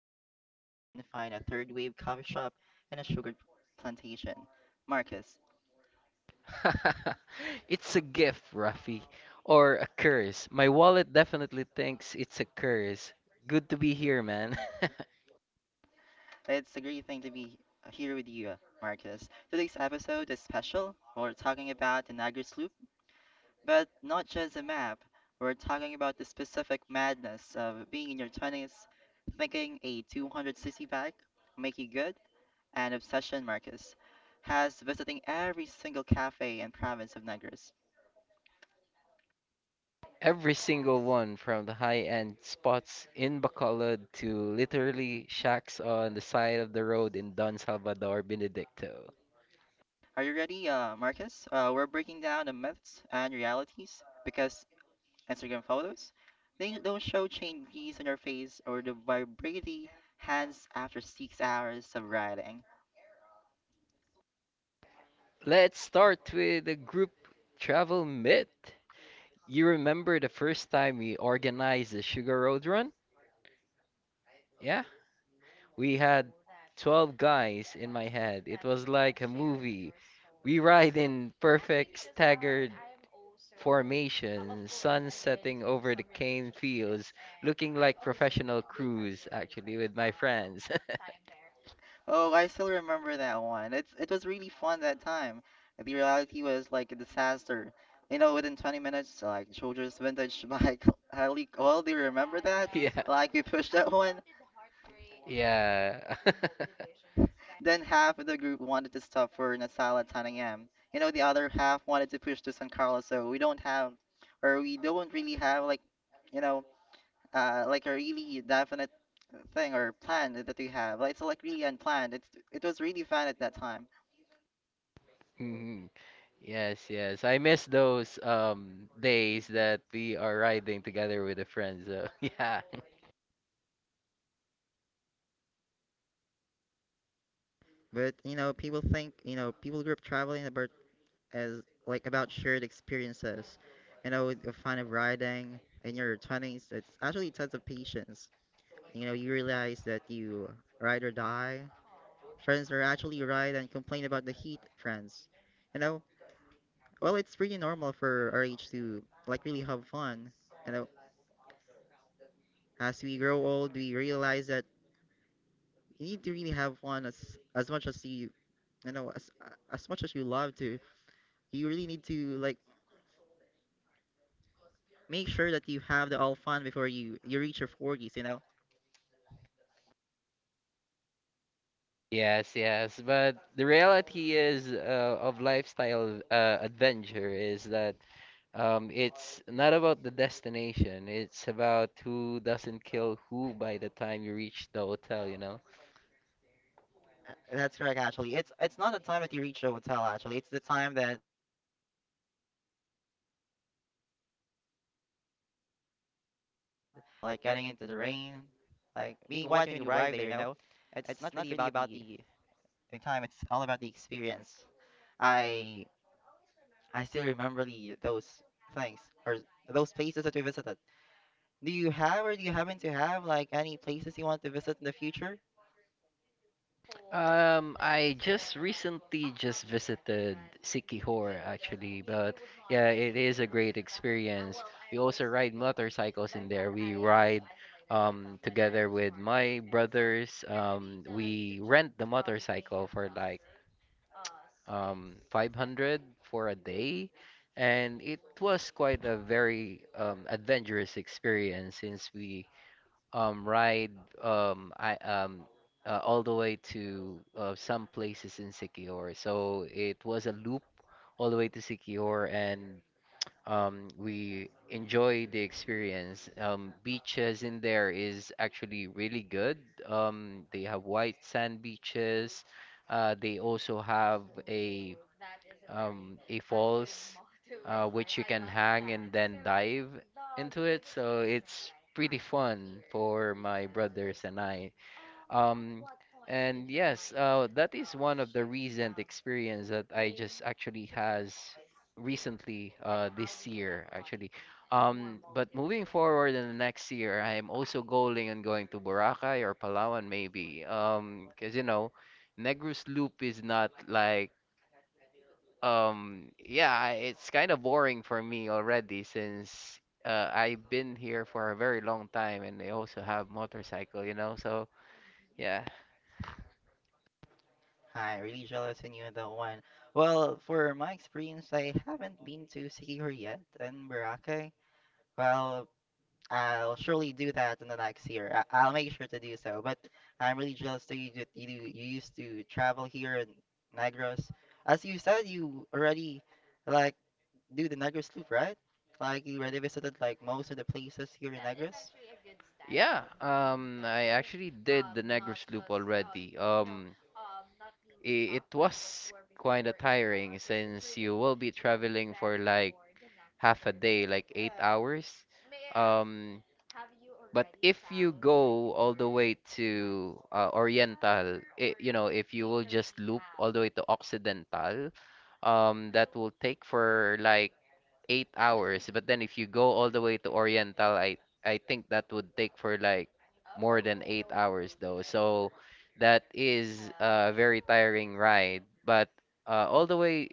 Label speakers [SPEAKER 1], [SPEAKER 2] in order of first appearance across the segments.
[SPEAKER 1] only man I know who can find a third wave coffee shop and a sugar plantation, Marcus.
[SPEAKER 2] It's a gift, Rafi, or a curse. My wallet definitely thinks it's a curse. Good to be here, man.
[SPEAKER 1] It's a great thing to be here with you, Marcus. Today's episode is special. We're talking about the Niagara Loop, but not just a map. We're talking about the specific madness of being in your 20s, thinking a 200cc bike make you good and obsession Marcus has visiting every single cafe and province of Negros.
[SPEAKER 2] Every single one from the high-end spots in Bacolod to literally shacks on the side of the road in Don Salvador, Benedicto.
[SPEAKER 1] Are you ready, Marcus? We're breaking down the myths and realities because Instagram photos, they don't show chain grease on your face or the vibrating hands after 6 hours of riding.
[SPEAKER 2] Let's start with a group travel myth. You remember the first time we organized the Sugar Road Run? Yeah? We had 12 guys in my head. It was like a movie. We ride in perfect staggered formation, sun setting over the cane fields, looking like professional crews, actually, with my friends.
[SPEAKER 1] Oh, I still remember that one. It was really fun that time. The reality was like a disaster. You know, within 20 minutes, like Jojo's vintage bike, I leak all. Do you remember that?
[SPEAKER 2] Yeah.
[SPEAKER 1] Like we pushed that one.
[SPEAKER 2] Yeah.
[SPEAKER 1] Then half of the group wanted to stop for Nasal at 10 a.m. You know, the other half wanted to push to San Carlos, so we don't have, or we don't really have like, you know, like a really definite thing or plan that we have. Like, it's like really unplanned. It was really fun at that time,
[SPEAKER 2] Mhm. Yes, yes. I miss those days that we are riding together with the friends. So, yeah.
[SPEAKER 1] but you know, people think you know people group traveling about as like about shared experiences. You know, the fun of riding in your 20s. It's actually a test of patience. You know, you realize that you ride or die friends are actually right and complain about the heat, friends. You know, well, it's pretty normal for our age to like really have fun. You know, as we grow old, we realize that you need to really have fun as much as you love to. You really need to like make sure that you have the all fun before you reach your 40s.
[SPEAKER 2] Yes, yes, but the reality is of lifestyle adventure is that it's not about the destination. It's about who doesn't kill who by the time you reach the hotel.
[SPEAKER 1] That's correct, actually. It's not the time that you reach the hotel, actually. It's the time that you enjoy traveling with your friends, riding your motorcycle, like getting into the rain, like being wet when you arrive there, you know? It's not really about the time, it's all about the experience. I I still remember the those things or those places that we visited. Do you have or do you happen to have like any places you want to visit in the future?
[SPEAKER 2] I just recently just visited Sikihor, actually, but yeah, it is a great experience. We also ride motorcycles in there. We ride together with my brothers. We rent the motorcycle for like 500 for a day, and it was quite a very adventurous experience since we ride um, I, um, all the way to some places in Siquijor. So it was a loop all the way to Siquijor, and we enjoy the experience. Beaches in there is actually really good. They have white sand beaches. They also have a a falls which you can hang and then dive into it. So it's pretty fun for my brothers and I. Um, and yes, that is one of the recent experience that I just actually has recently this year actually. But moving forward, in the next year, I am also going and going to Boracay or Palawan maybe. Because you know, Negros Loop is not like yeah, it's kind of boring for me already since I've been here for a very long time and I also have motorcycle, so. Yeah.
[SPEAKER 1] Hi, really jealous in you on that one. Well, for my experience, I haven't been to Sikihor yet in Boracay. Well, I'll surely do that in the next year. I'll make sure to do so. But I'm really jealous that you used to travel here in Negros. As you said, you already like do the Negros loop, right? Like you already visited like most of the places here in Negros.
[SPEAKER 2] Yeah, I actually did the Negros Loop already. It was kind of tiring since you will be traveling for like half a day, like 8 hours. Um, but if you go all the way to Oriental, if you will just loop all the way to Occidental, that will take for like 8 hours. But then if you go all the way to Oriental, I think that would take for like more than 8 hours though. So that is a very tiring ride. But all the way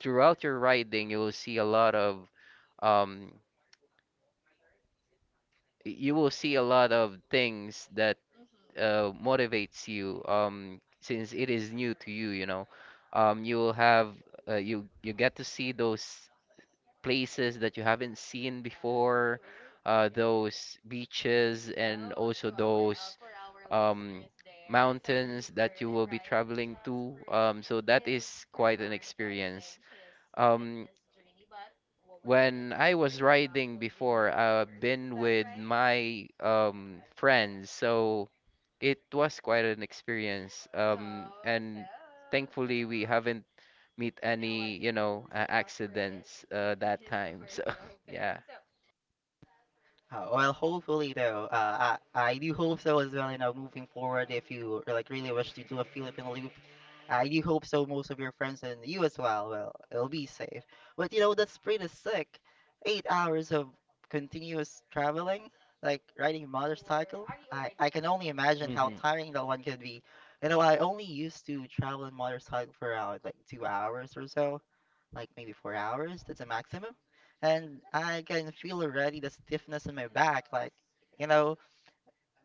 [SPEAKER 2] throughout your riding, you will see a lot of um you will see a lot of things that motivates you since it is new to you will have you get to see those places that you haven't seen before, those beaches and also those um, mountains that you will be traveling to. So that is quite an experience. Um, when I was riding before, I've been with my friends, so it was quite an experience. And thankfully, we haven't meet any, accidents that time. So, yeah.
[SPEAKER 1] Well, hopefully though, I do hope so as well. You know, moving forward, if you like really wish to do a Philippine loop, I do hope so. Most of your friends and you as well. Well, it'll be safe. But you know, that's pretty sick. 8 hours of continuous traveling, like riding a motorcycle. I can only imagine how
[SPEAKER 2] Hmm.
[SPEAKER 1] tiring that one could be. You know, I only used to travel in motorcycle for around like 2 hours or so like maybe 4 hours. That's a maximum. And I can feel already the stiffness in my back, like, you know.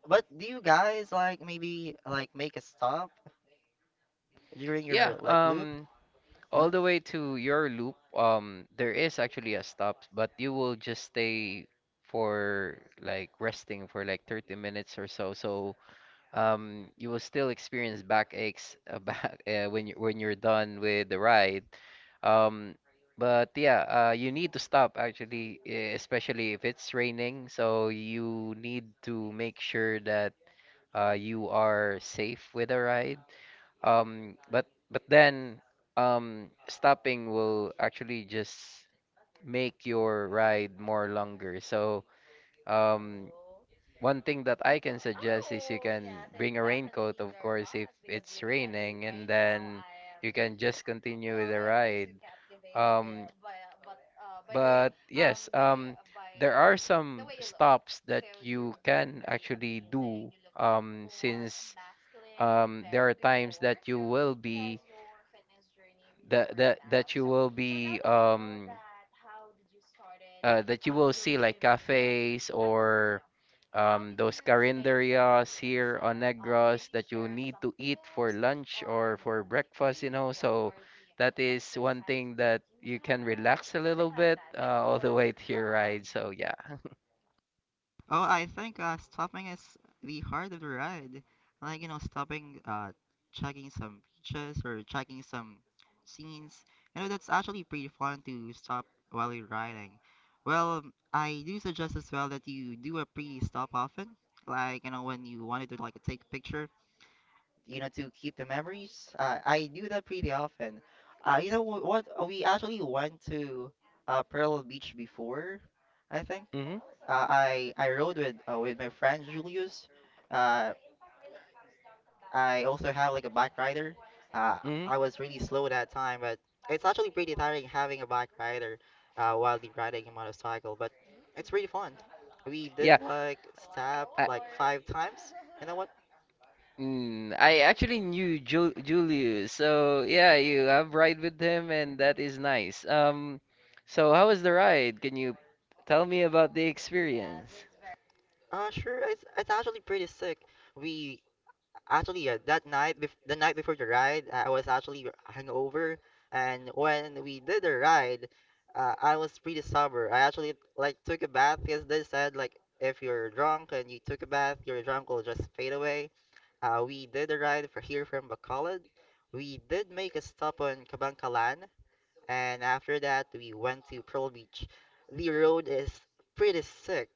[SPEAKER 1] But do you guys like maybe like make a stop during
[SPEAKER 2] Yeah,
[SPEAKER 1] your like loop?
[SPEAKER 2] all
[SPEAKER 1] Huh?
[SPEAKER 2] the way to your loop, there is actually a stop, but you will just stay for like resting for like 30 minutes or so. So you will still experience back aches back when you when you're done with the ride. Um, but yeah, you need to stop actually, especially if it's raining. So you need to make sure that you are safe with a ride. But then stopping will actually just make your ride more longer. So um, one thing that I can suggest is you can bring a raincoat, of course, if it's raining, and then you can just continue with the ride. Um, but yes, there are some stops that you can actually do, since there are times that you will be that that that you will be um that you will see like cafes or those carinderias here on Negros that you need to eat for lunch or for breakfast. So that is one thing that you can relax a little bit all the way to your ride. So yeah.
[SPEAKER 1] Oh, I think stopping is the heart of the ride. Like, you know, stopping, checking some beaches or checking some scenes. You know, that's actually pretty fun to stop while you're riding. Well, I do suggest as well that you do a pre-stop often. Like, you know, when you wanted to, like, take a picture, you know, to keep the memories. I do that pretty often. You know what? We actually went to Pearl Beach before, I think.
[SPEAKER 2] Hmm.
[SPEAKER 1] I rode with my friend Julius. Uh, I also have like a bike rider. Uh,
[SPEAKER 2] Hmm.
[SPEAKER 1] I was really slow that time, but it's actually pretty tiring having a bike rider while you're riding a motorcycle. But it's really fun. We
[SPEAKER 2] Yeah.
[SPEAKER 1] did like stop
[SPEAKER 2] I,
[SPEAKER 1] like five times. You know what?
[SPEAKER 2] I actually knew Ju Julius. So yeah, you have ride with him and that is nice. So how was the ride? Can you tell me about the experience?
[SPEAKER 1] Sure. It's actually pretty sick. We Actually, that night, bef the night before the ride, I was actually hungover, and when we did the ride, I was pretty sober. I actually like took a bath because they said like if you're drunk and you took a bath, your drunk will just fade away. We did the ride for here from Bacolod. We did make a stop on Cabancalan, and after that, we went to Pearl Beach. The road is pretty sick.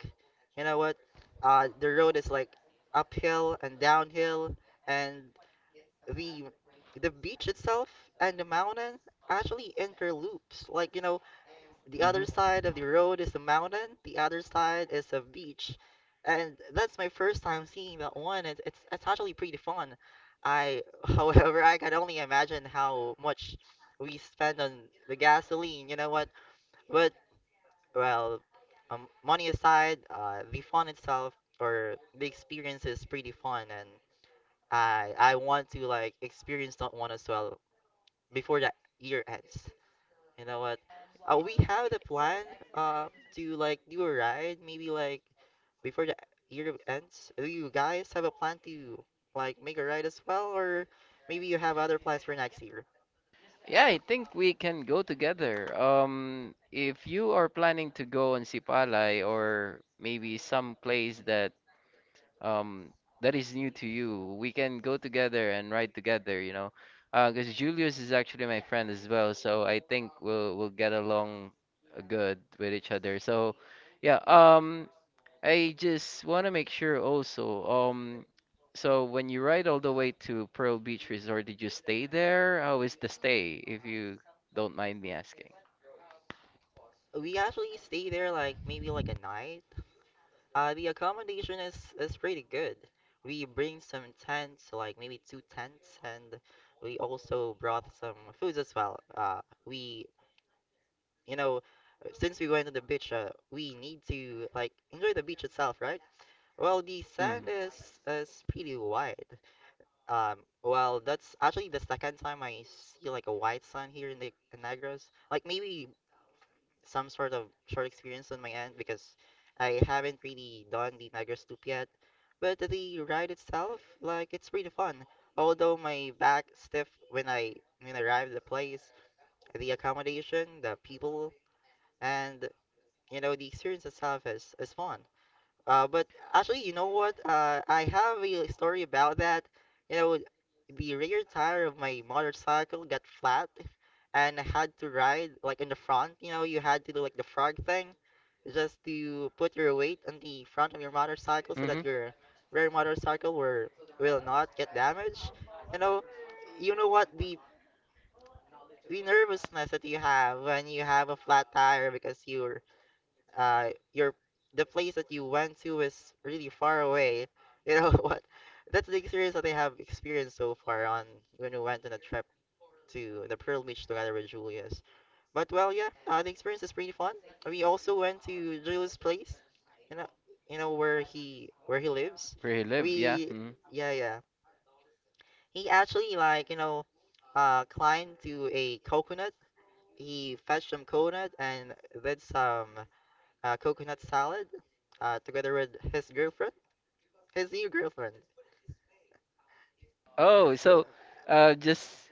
[SPEAKER 1] You know what? The road is like uphill and downhill, and the the beach itself and the mountain actually interloops. Like, you know, the other
[SPEAKER 2] Mm-hmm.
[SPEAKER 1] side of the road is a mountain, the other side is a beach. And that's my first time seeing that one. It's actually pretty fun. I, however, I can only imagine how much we spend on the gasoline, you know what? But well, money aside, the fun itself or the experience is pretty fun, and I want to like experience that one as well before that year ends. You know what? We have the plan um to like do a ride maybe like before the year ends. Do you guys have a plan to like make a ride as well, or maybe you have other plans for next year?
[SPEAKER 2] Yeah, I think we can go together. If you are planning to go on Sipalay or maybe some place um that is new to you, we can go together and ride together. Because Julius is actually my friend as well, so I think we'll get along good with each other. So, yeah. I just want to make sure also, so when you ride all the way to Pearl Beach Resort, did you stay there? How is the stay, if you don't mind me asking?
[SPEAKER 1] We actually stay there like maybe like a night. The accommodation is pretty good. We bring some tents, like maybe two tents, and we also brought some foods as well. We since we went to the beach, we need to like enjoy the beach itself, right? Well, the sand
[SPEAKER 2] Mm-hmm.
[SPEAKER 1] is pretty white. Well, that's actually the second time I see like a white sand here in Negros. Like maybe some sort of short experience on my end because I haven't really done the Negros loop yet. But the ride itself, like it's pretty fun. Although my back stiff when I arrived at the place, the accommodation, the people, and you know, the experience itself is fun. But actually, you know what? I have a story about that. You know, the rear tire of my motorcycle got flat, and I had to ride like in the front. You know, you had to do like the frog thing, just to put your weight on the front of your motorcycle so
[SPEAKER 2] Mm-hmm.
[SPEAKER 1] that your rear motorcycle will not get damaged. You know, you know what? The nervousness that you have when you have a flat tire because you're your the place that you went to is really far away you know what, that's the experience that I have experienced so far on when we went on a trip to the Pearl Beach together with Julius. But, well, yeah, the experience is pretty fun. We also went to Julius place. You know you know where he lives.
[SPEAKER 2] Where you live, yeah.
[SPEAKER 1] We
[SPEAKER 2] Hmm.
[SPEAKER 1] Yeah, yeah, he actually like climbed to a coconut. He fetched some coconut and did some coconut salad together with his girlfriend, his new girlfriend.
[SPEAKER 2] Oh, so uh just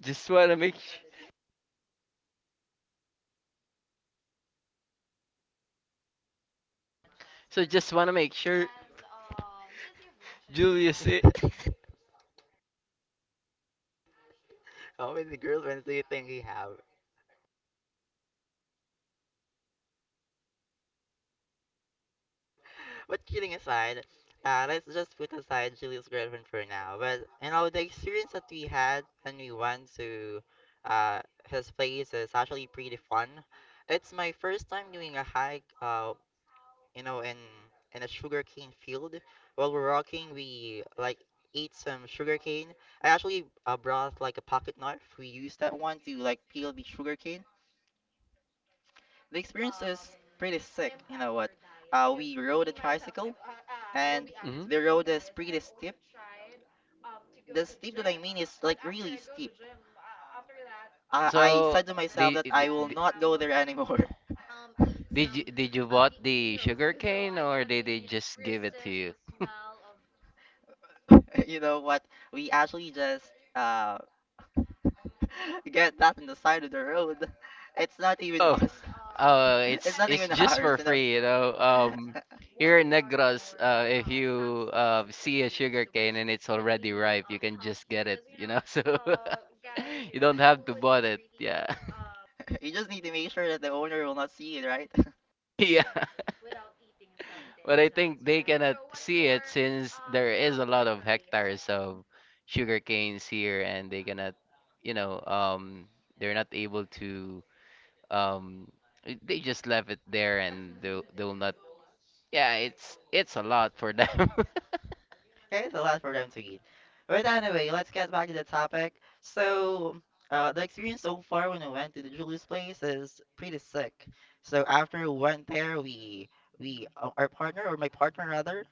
[SPEAKER 2] just want to make sh so just want to make sure Julius it.
[SPEAKER 1] How many girlfriends do you think he have? But kidding aside, let's just put aside Julie's girlfriend for now. But you know, the experience that we had when we went to uh, his place is actually pretty fun. It's my first time doing a hike you know, in a sugarcane field. While we're walking, we like ate some sugarcane. I actually brought like a pocket knife. We used that one to like peel the sugarcane. The experience is pretty sick. You know what? We rode a tricycle, and
[SPEAKER 2] Mhm.
[SPEAKER 1] the road is pretty steep. The steep that I mean is like really steep. I said to myself that I will not go there anymore.
[SPEAKER 2] Did you?
[SPEAKER 1] You know what? We actually just uh get that in the side of the road. It's not even
[SPEAKER 2] Oh.
[SPEAKER 1] us. It's not even ours, you know.
[SPEAKER 2] So. Yeah.
[SPEAKER 1] You just need to make sure that the owner will not see it, right?
[SPEAKER 2] Yeah. But I think they cannot see it since there is a lot of hectares of sugar canes here and they cannot, you know, um they're not able to um they just left it there and they'll not, yeah, it's a lot for them.
[SPEAKER 1] It's a lot for them to eat. But anyway, let's get back to the topic. So, the experience so far when we went to the Julius place is pretty sick. So after we went there, we our partner, or my partner rather,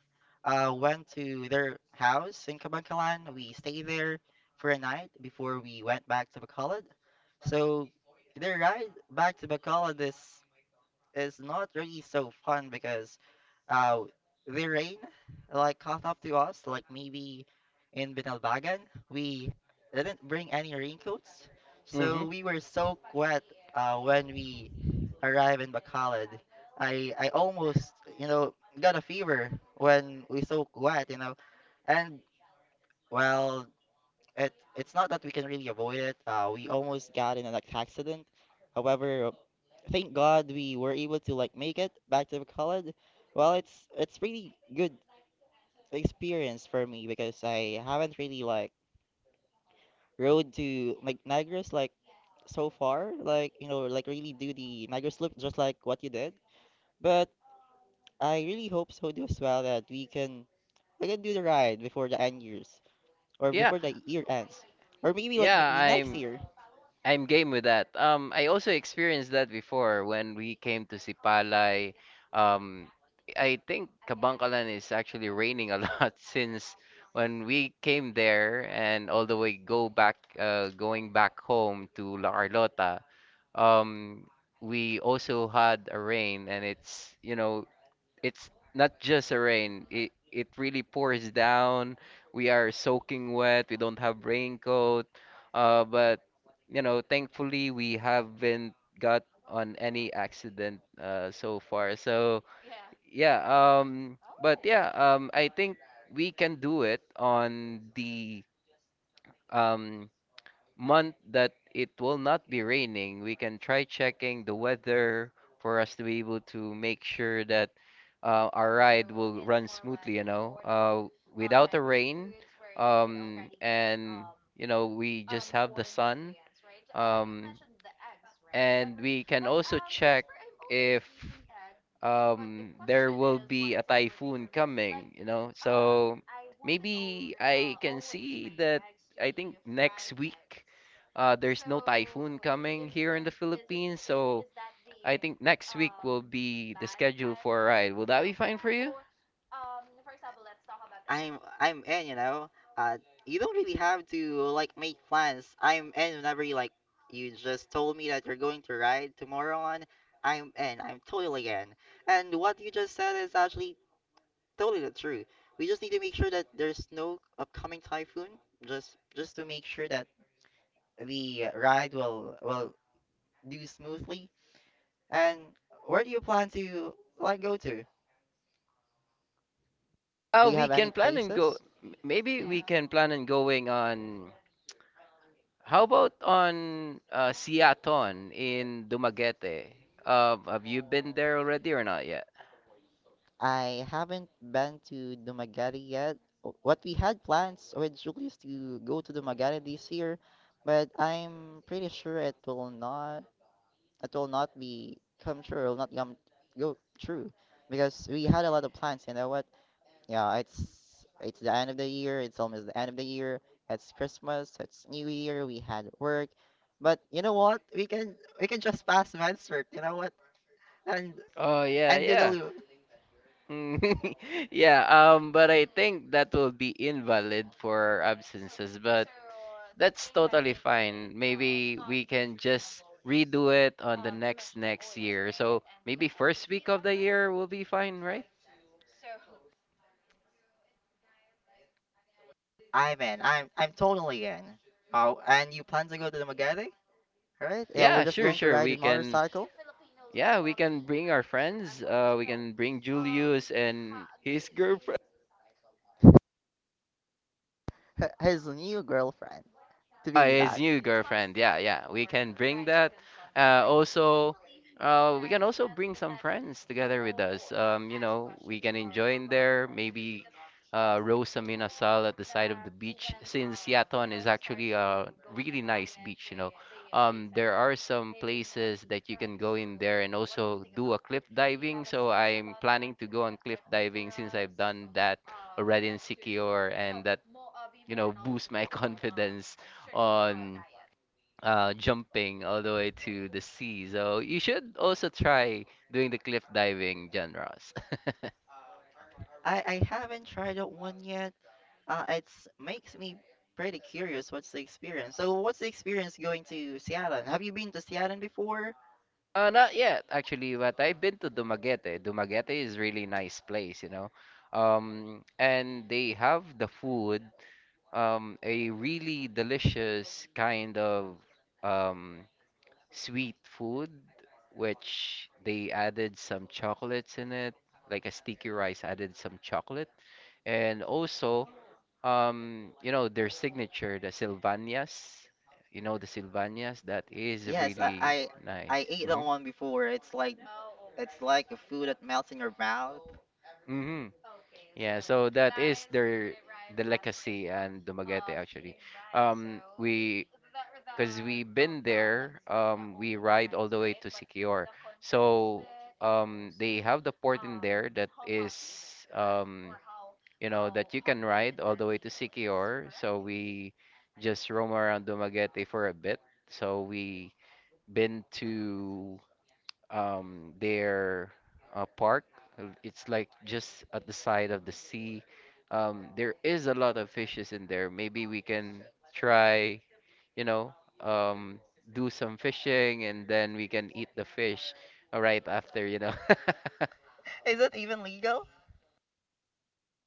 [SPEAKER 1] went to their house in Cabancalan. We stayed there for a night before we went back to Bacolod. So the ride back to Bacolod is not really so fun because uh the rain like caught up to us, like maybe in Binalbagan. We didn't bring any raincoats,
[SPEAKER 2] Hmm.
[SPEAKER 1] so we were soaked wet when we arrived in Bacolod. I almost, you know got a fever when we soaked wet, and well, it's not that we can really avoid it. We almost got in an accident. However, thank God we were able to like make it back to college. Well, it's really good experience for me because I haven't really like rode to like Niagara's, like so far, like, you know, like really do the Niagara's loop just like what you did. But I really hope so do as well that we can do the ride before the end years, or
[SPEAKER 2] Yeah.
[SPEAKER 1] before the year ends, or maybe, like
[SPEAKER 2] Yeah,
[SPEAKER 1] maybe, next
[SPEAKER 2] I'm
[SPEAKER 1] year.
[SPEAKER 2] I'm game with that. I also experienced that before when we came to Sipalay. Um, I think Kabangkalan is actually raining a lot since when we came there and all the way go back, going back home to La Carlota. Um, we also had a rain and it's not just a rain. It really pours down. We are soaking wet. We don't have raincoat. But thankfully we haven't got on any accident so far. So yeah, but yeah, I think we can do it on the um month that it will not be raining. We can try checking the weather for us to be able to make sure that our ride will run smoothly, without the rain. And we just have the sun. Um, and we can also check if there will be a typhoon coming. So maybe I can see that I think next week there's no typhoon coming here in the Philippines, so I think next week will be the schedule for a ride. Will that be fine for you?
[SPEAKER 1] I'm in, you know. Uh, you don't really have to like make plans. I'm in whenever you like. You just told me that you're going to ride tomorrow on. I'm in. I'm totally in. And what you just said is actually totally the truth. We just need to make sure that there's no upcoming typhoon. Just to make sure that the ride will do smoothly. And where do you plan to like go to? Do
[SPEAKER 2] Oh,
[SPEAKER 1] you
[SPEAKER 2] we
[SPEAKER 1] have any
[SPEAKER 2] can plan and go.
[SPEAKER 1] places?
[SPEAKER 2] Maybe
[SPEAKER 1] Mm-hmm.
[SPEAKER 2] we can plan on going on. How about on Siaton in Dumaguete? Have you been there already or not yet?
[SPEAKER 1] I haven't been to Dumaguete yet. O- What we had plans with Julius to go to Dumaguete this year, but I'm pretty sure it will not, it will not be come true. It will not come go true because we had a lot of plans. You know what? Yeah, it's the end of the year. It's almost the end of the year. It's Christmas. It's New Year. We had work, but you know what? We can just pass med cert. You know what? And
[SPEAKER 2] Oh yeah,
[SPEAKER 1] and do the
[SPEAKER 2] yeah.
[SPEAKER 1] loop.
[SPEAKER 2] Mm. Yeah, but I think that will be invalid for absences, but that's totally fine. Maybe we can just redo it on the next next year. So maybe first week of the year will be fine, right?
[SPEAKER 1] I'm in. I'm totally in. Oh, and you plan to go to the Magadi, right? Yeah, we're
[SPEAKER 2] Yeah,
[SPEAKER 1] just
[SPEAKER 2] sure,
[SPEAKER 1] going to
[SPEAKER 2] sure.
[SPEAKER 1] ride the
[SPEAKER 2] We can,
[SPEAKER 1] motorcycle.
[SPEAKER 2] yeah, we can bring our friends. We can bring Julius and his girlfriend.
[SPEAKER 1] H- His new girlfriend, to be
[SPEAKER 2] His
[SPEAKER 1] exact.
[SPEAKER 2] new girlfriend. Yeah, yeah. We can bring that. Also, we can also bring some friends together with us. We can enjoy in there. Maybe roast a minasal at the side of the beach, since Yaton is actually a really nice beach. There are some places that you can go in there and also do a cliff diving. So I'm planning to go on cliff diving since I've done that already in Sikior, and that boost my confidence on jumping all the way to the sea. So you should also try doing the cliff diving, John Ross.
[SPEAKER 1] I haven't tried out one yet. It's makes me pretty curious. What's the experience? So, what's the experience going to Seattle? Have you been to Seattle before?
[SPEAKER 2] Not yet, actually, but I've been to Dumaguete. Dumaguete is really nice place. And they have the food, a really delicious kind of um, sweet food, which they added some chocolates in it, like a sticky rice added some chocolate. And also, their signature, the Sylvanias. The Sylvanias, that is
[SPEAKER 1] Yes,
[SPEAKER 2] really nice.
[SPEAKER 1] I ate that
[SPEAKER 2] Mm-hmm.
[SPEAKER 1] one before. It's like, it's like a food that melts in your mouth.
[SPEAKER 2] Hmm. Yeah, so that is the legacy and Dumaguete actually. We because we've been there, we ride all the way to Siquijor. So they have the port in there that is you know that you can ride all the way to Siquijor. So we just roam around Dumaguete for a bit. So we been to their park. It's like just at the side of the sea. There is a lot of fishes in there. Maybe we can try, you know, um, do some fishing, and then we can eat the fish right after.
[SPEAKER 1] Is it even legal?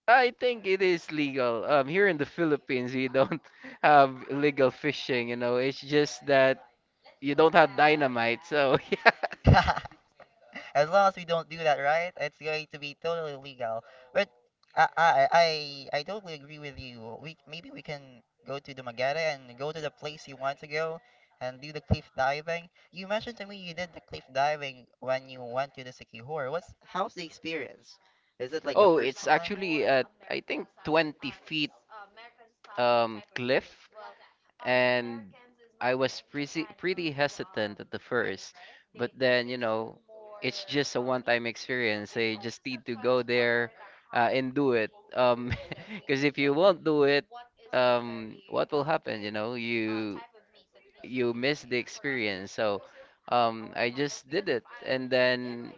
[SPEAKER 2] I think it is legal. Here in the Philippines, we don't have illegal fishing. It's just that you don't have dynamite, so yeah.
[SPEAKER 1] As long as we don't do that, right? It's going to be totally legal. But I I I totally agree with you. We, maybe we can go to the Magere and go to the place you want to go and do the cliff diving. You mentioned to me you did the cliff diving when you went to the Sikihor. What's how's the experience? Is it like the
[SPEAKER 2] Oh,
[SPEAKER 1] first
[SPEAKER 2] it's
[SPEAKER 1] time?
[SPEAKER 2] actually at I think 20 feet cliff, and I was pretty hesitant at the first, but then, it's just a one-time experience. I just need to go there and do it. Um, because if you won't do it, what will happen? You know, you miss the experience. So, I just did it, and then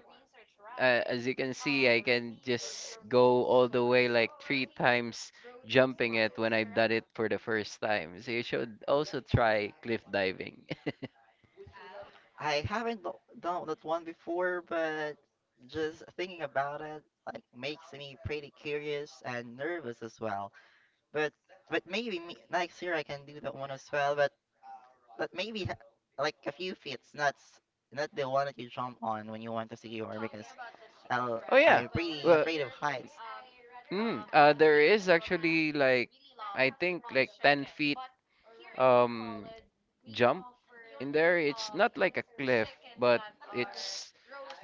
[SPEAKER 2] as you can see, I can just go all the way like three times jumping it when I've done it for the first time. So you should also try cliff diving.
[SPEAKER 1] I haven't done that one before, but just thinking about it like makes me pretty curious and nervous as well. But, next year I can do that one as well. But maybe ha like a few feats, not not the one that you jump on when you want to secure, because
[SPEAKER 2] Oh yeah.
[SPEAKER 1] I'm pretty
[SPEAKER 2] Well,
[SPEAKER 1] afraid of heights.
[SPEAKER 2] mm, uh, there is actually like I think like 10 feet um jump in there. It's not like a cliff, but it's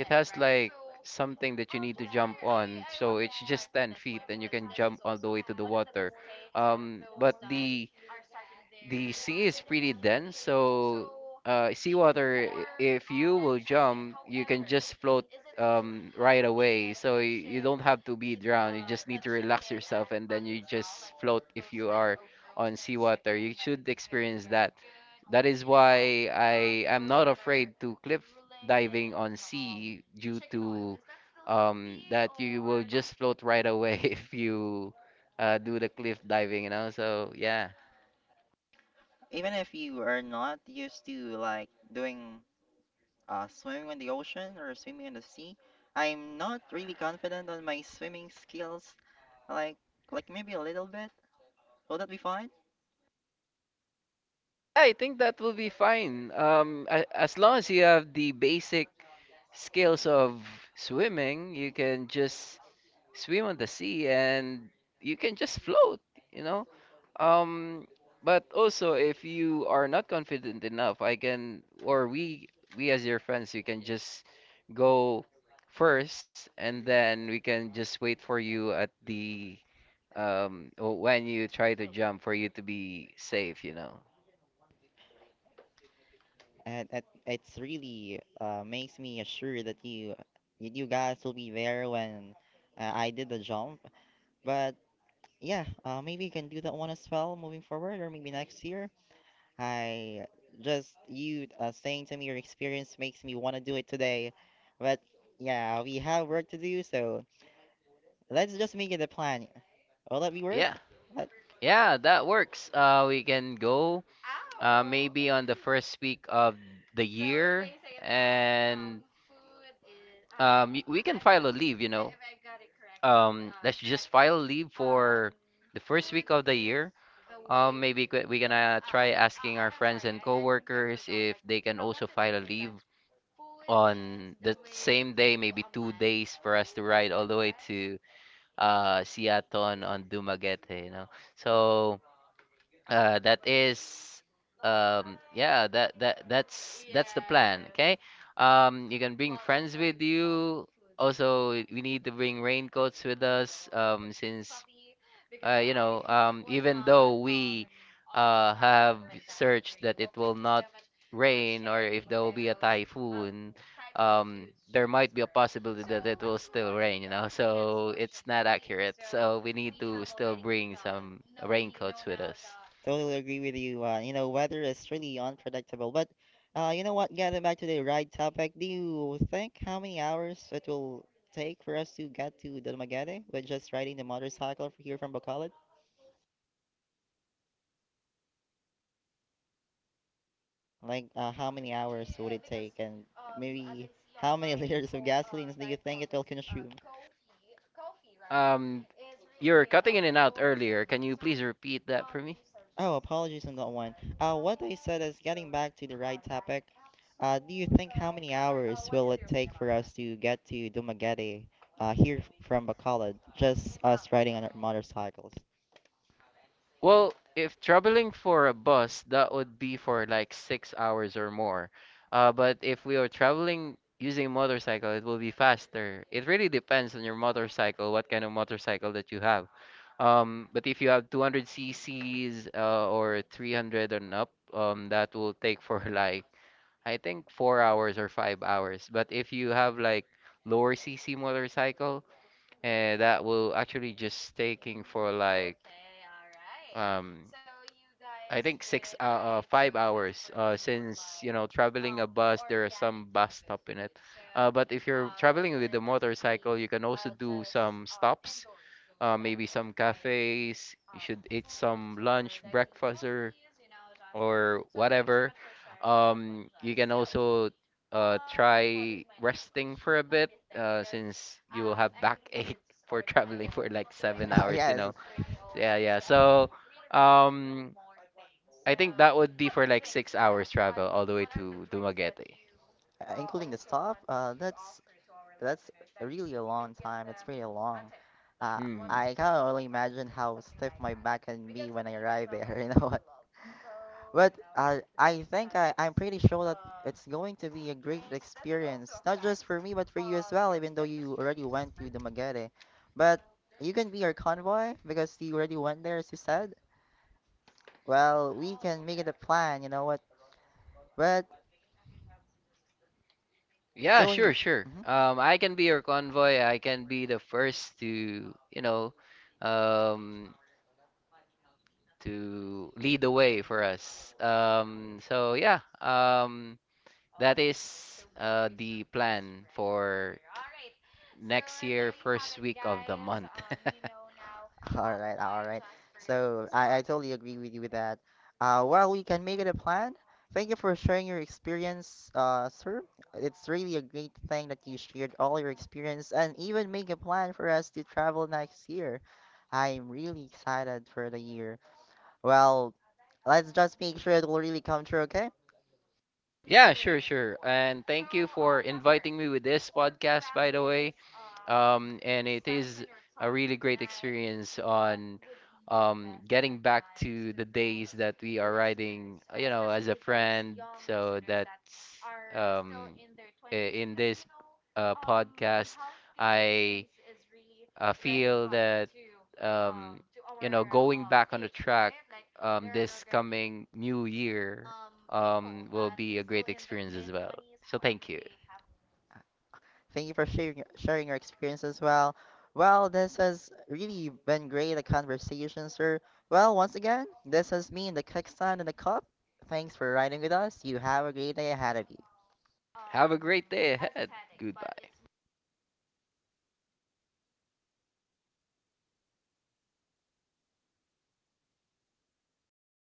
[SPEAKER 2] it has like something that you need to jump on. So it's just 10 feet and you can jump all the way to the water. But the sea is pretty dense, so seawater, if you will jump, you can just float right away. So you don't have to be drowned. You just need to relax yourself, and then you just float if you are on seawater. You should experience that. That is why I am not afraid to cliff diving on sea due to that you will just float right away if you do the cliff diving. So yeah,
[SPEAKER 1] Even if you are not used to like doing swimming in the ocean or swimming in the sea, I'm not really confident on my swimming skills. Like like maybe a little bit. Will that be fine?
[SPEAKER 2] I think that will be fine. As long as you have the basic skills of swimming, you can just swim on the sea and you can just float. You know, Um, but also, if you are not confident enough, I can, or we as your friends, we can just go first, and then we can just wait for you at the when you try to jump, for you to be safe.
[SPEAKER 1] And it's really makes me assured that you guys will be there when I did the jump. But yeah, maybe you can do that one as well moving forward, or maybe next year. I Just you saying to me your experience makes me want to do it today. But yeah, we have work to do, so let's just make it a plan. Will that be work?
[SPEAKER 2] Yeah,
[SPEAKER 1] Uh,
[SPEAKER 2] yeah, that works. We can go maybe on the first week of the year, and we can file a leave. Let's just file a leave for the first week of the year. Maybe we gonna try asking our friends and coworkers if they can also file a leave on the same day, maybe 2 days for us to ride all the way to Seattle on Dumaguete. So that is, yeah, that's the plan. Okay. You can bring friends with you. Also, we need to bring raincoats with us. Since even though we have searched that it will not rain, or if there will be a typhoon, um, there might be a possibility that it will still rain, you know, so it's not accurate. So we need to still bring some raincoats with us.
[SPEAKER 1] Totally agree with you. You know, weather is really unpredictable. But you know what? Getting back to the ride topic, do you think how many hours it will take for us to get to Dalmaguete with just riding the motorcycle here from Bacolod? Like, how many hours would it take, and maybe how many liters of gasolines do you think it will consume?
[SPEAKER 2] Um, Repeat.
[SPEAKER 1] Oh, apologies on that one. What I said is getting back to the right topic. Do you think how many hours will it take for us to get to Dumaguete, here from Bacolod, just us riding on our motorcycles?
[SPEAKER 2] Well, if traveling for a bus, that would be for like 6 hours or more. But if we are traveling using motorcycle, it will be faster. It really depends on your motorcycle, what kind of motorcycle that you have. But if you have 200 cc's or 300 and up, that will take for like I think 4 hours or 5 hours. But if you have like lower cc motorcycle, and that will actually just taking for like um I think six 5 hours, since you know, traveling a bus, there are some bus stop in it, but if you're traveling with the motorcycle, you can also do some stops, maybe some cafes, you should eat some lunch, breakfast, or whatever. You can also try resting for a bit, since you will have backache for traveling for like seven hours, you
[SPEAKER 1] Yes,
[SPEAKER 2] know. So, yeah, yeah. So, um, I think that would be for like 6 hours travel all the way to Dumaguete.
[SPEAKER 1] including the stop. That's really a long time. It's pretty long. Uh,
[SPEAKER 2] Hmm.
[SPEAKER 1] I can only imagine how stiff my back can be when I arrive there. You know, but I'm pretty sure that it's going to be a great experience, not just for me, but for you as well, even though you already went to Dumaguete. But you can be our convoy because you already went there, as you said. Well, we can make it a plan, you know what? But
[SPEAKER 2] Yeah, sure,
[SPEAKER 1] going.
[SPEAKER 2] sure.
[SPEAKER 1] Mhm.
[SPEAKER 2] I can be your convoy. I can be the first to, you know, um, to lead the way for us. So yeah. That is the plan for next year, first week of the month.
[SPEAKER 1] All right, all right. So I totally agree with you with that. Well, we can make it a plan. Thank you for sharing your experience, sir. It's really a great thing that you shared all your experience and even make a plan for us to travel next year. I'm really excited for the year. Well, let's just make sure it will really come true, okay?
[SPEAKER 2] Yeah, sure, sure. And thank you for inviting me with this podcast, by the way. And it is a really great experience on getting back to the days that we are riding, as a friend. So that's um, in this podcast. I feel that um, you know, going back on the track, this coming new year will be a great experience as well. So thank you.
[SPEAKER 1] Thank you for sharing your experience as well. Well, this has really been great a conversation, sir. Well, once again, this has been the Kickstand and the Cup. Thanks for riding with us. You have a great day ahead of you.
[SPEAKER 2] Have a great day ahead. Goodbye.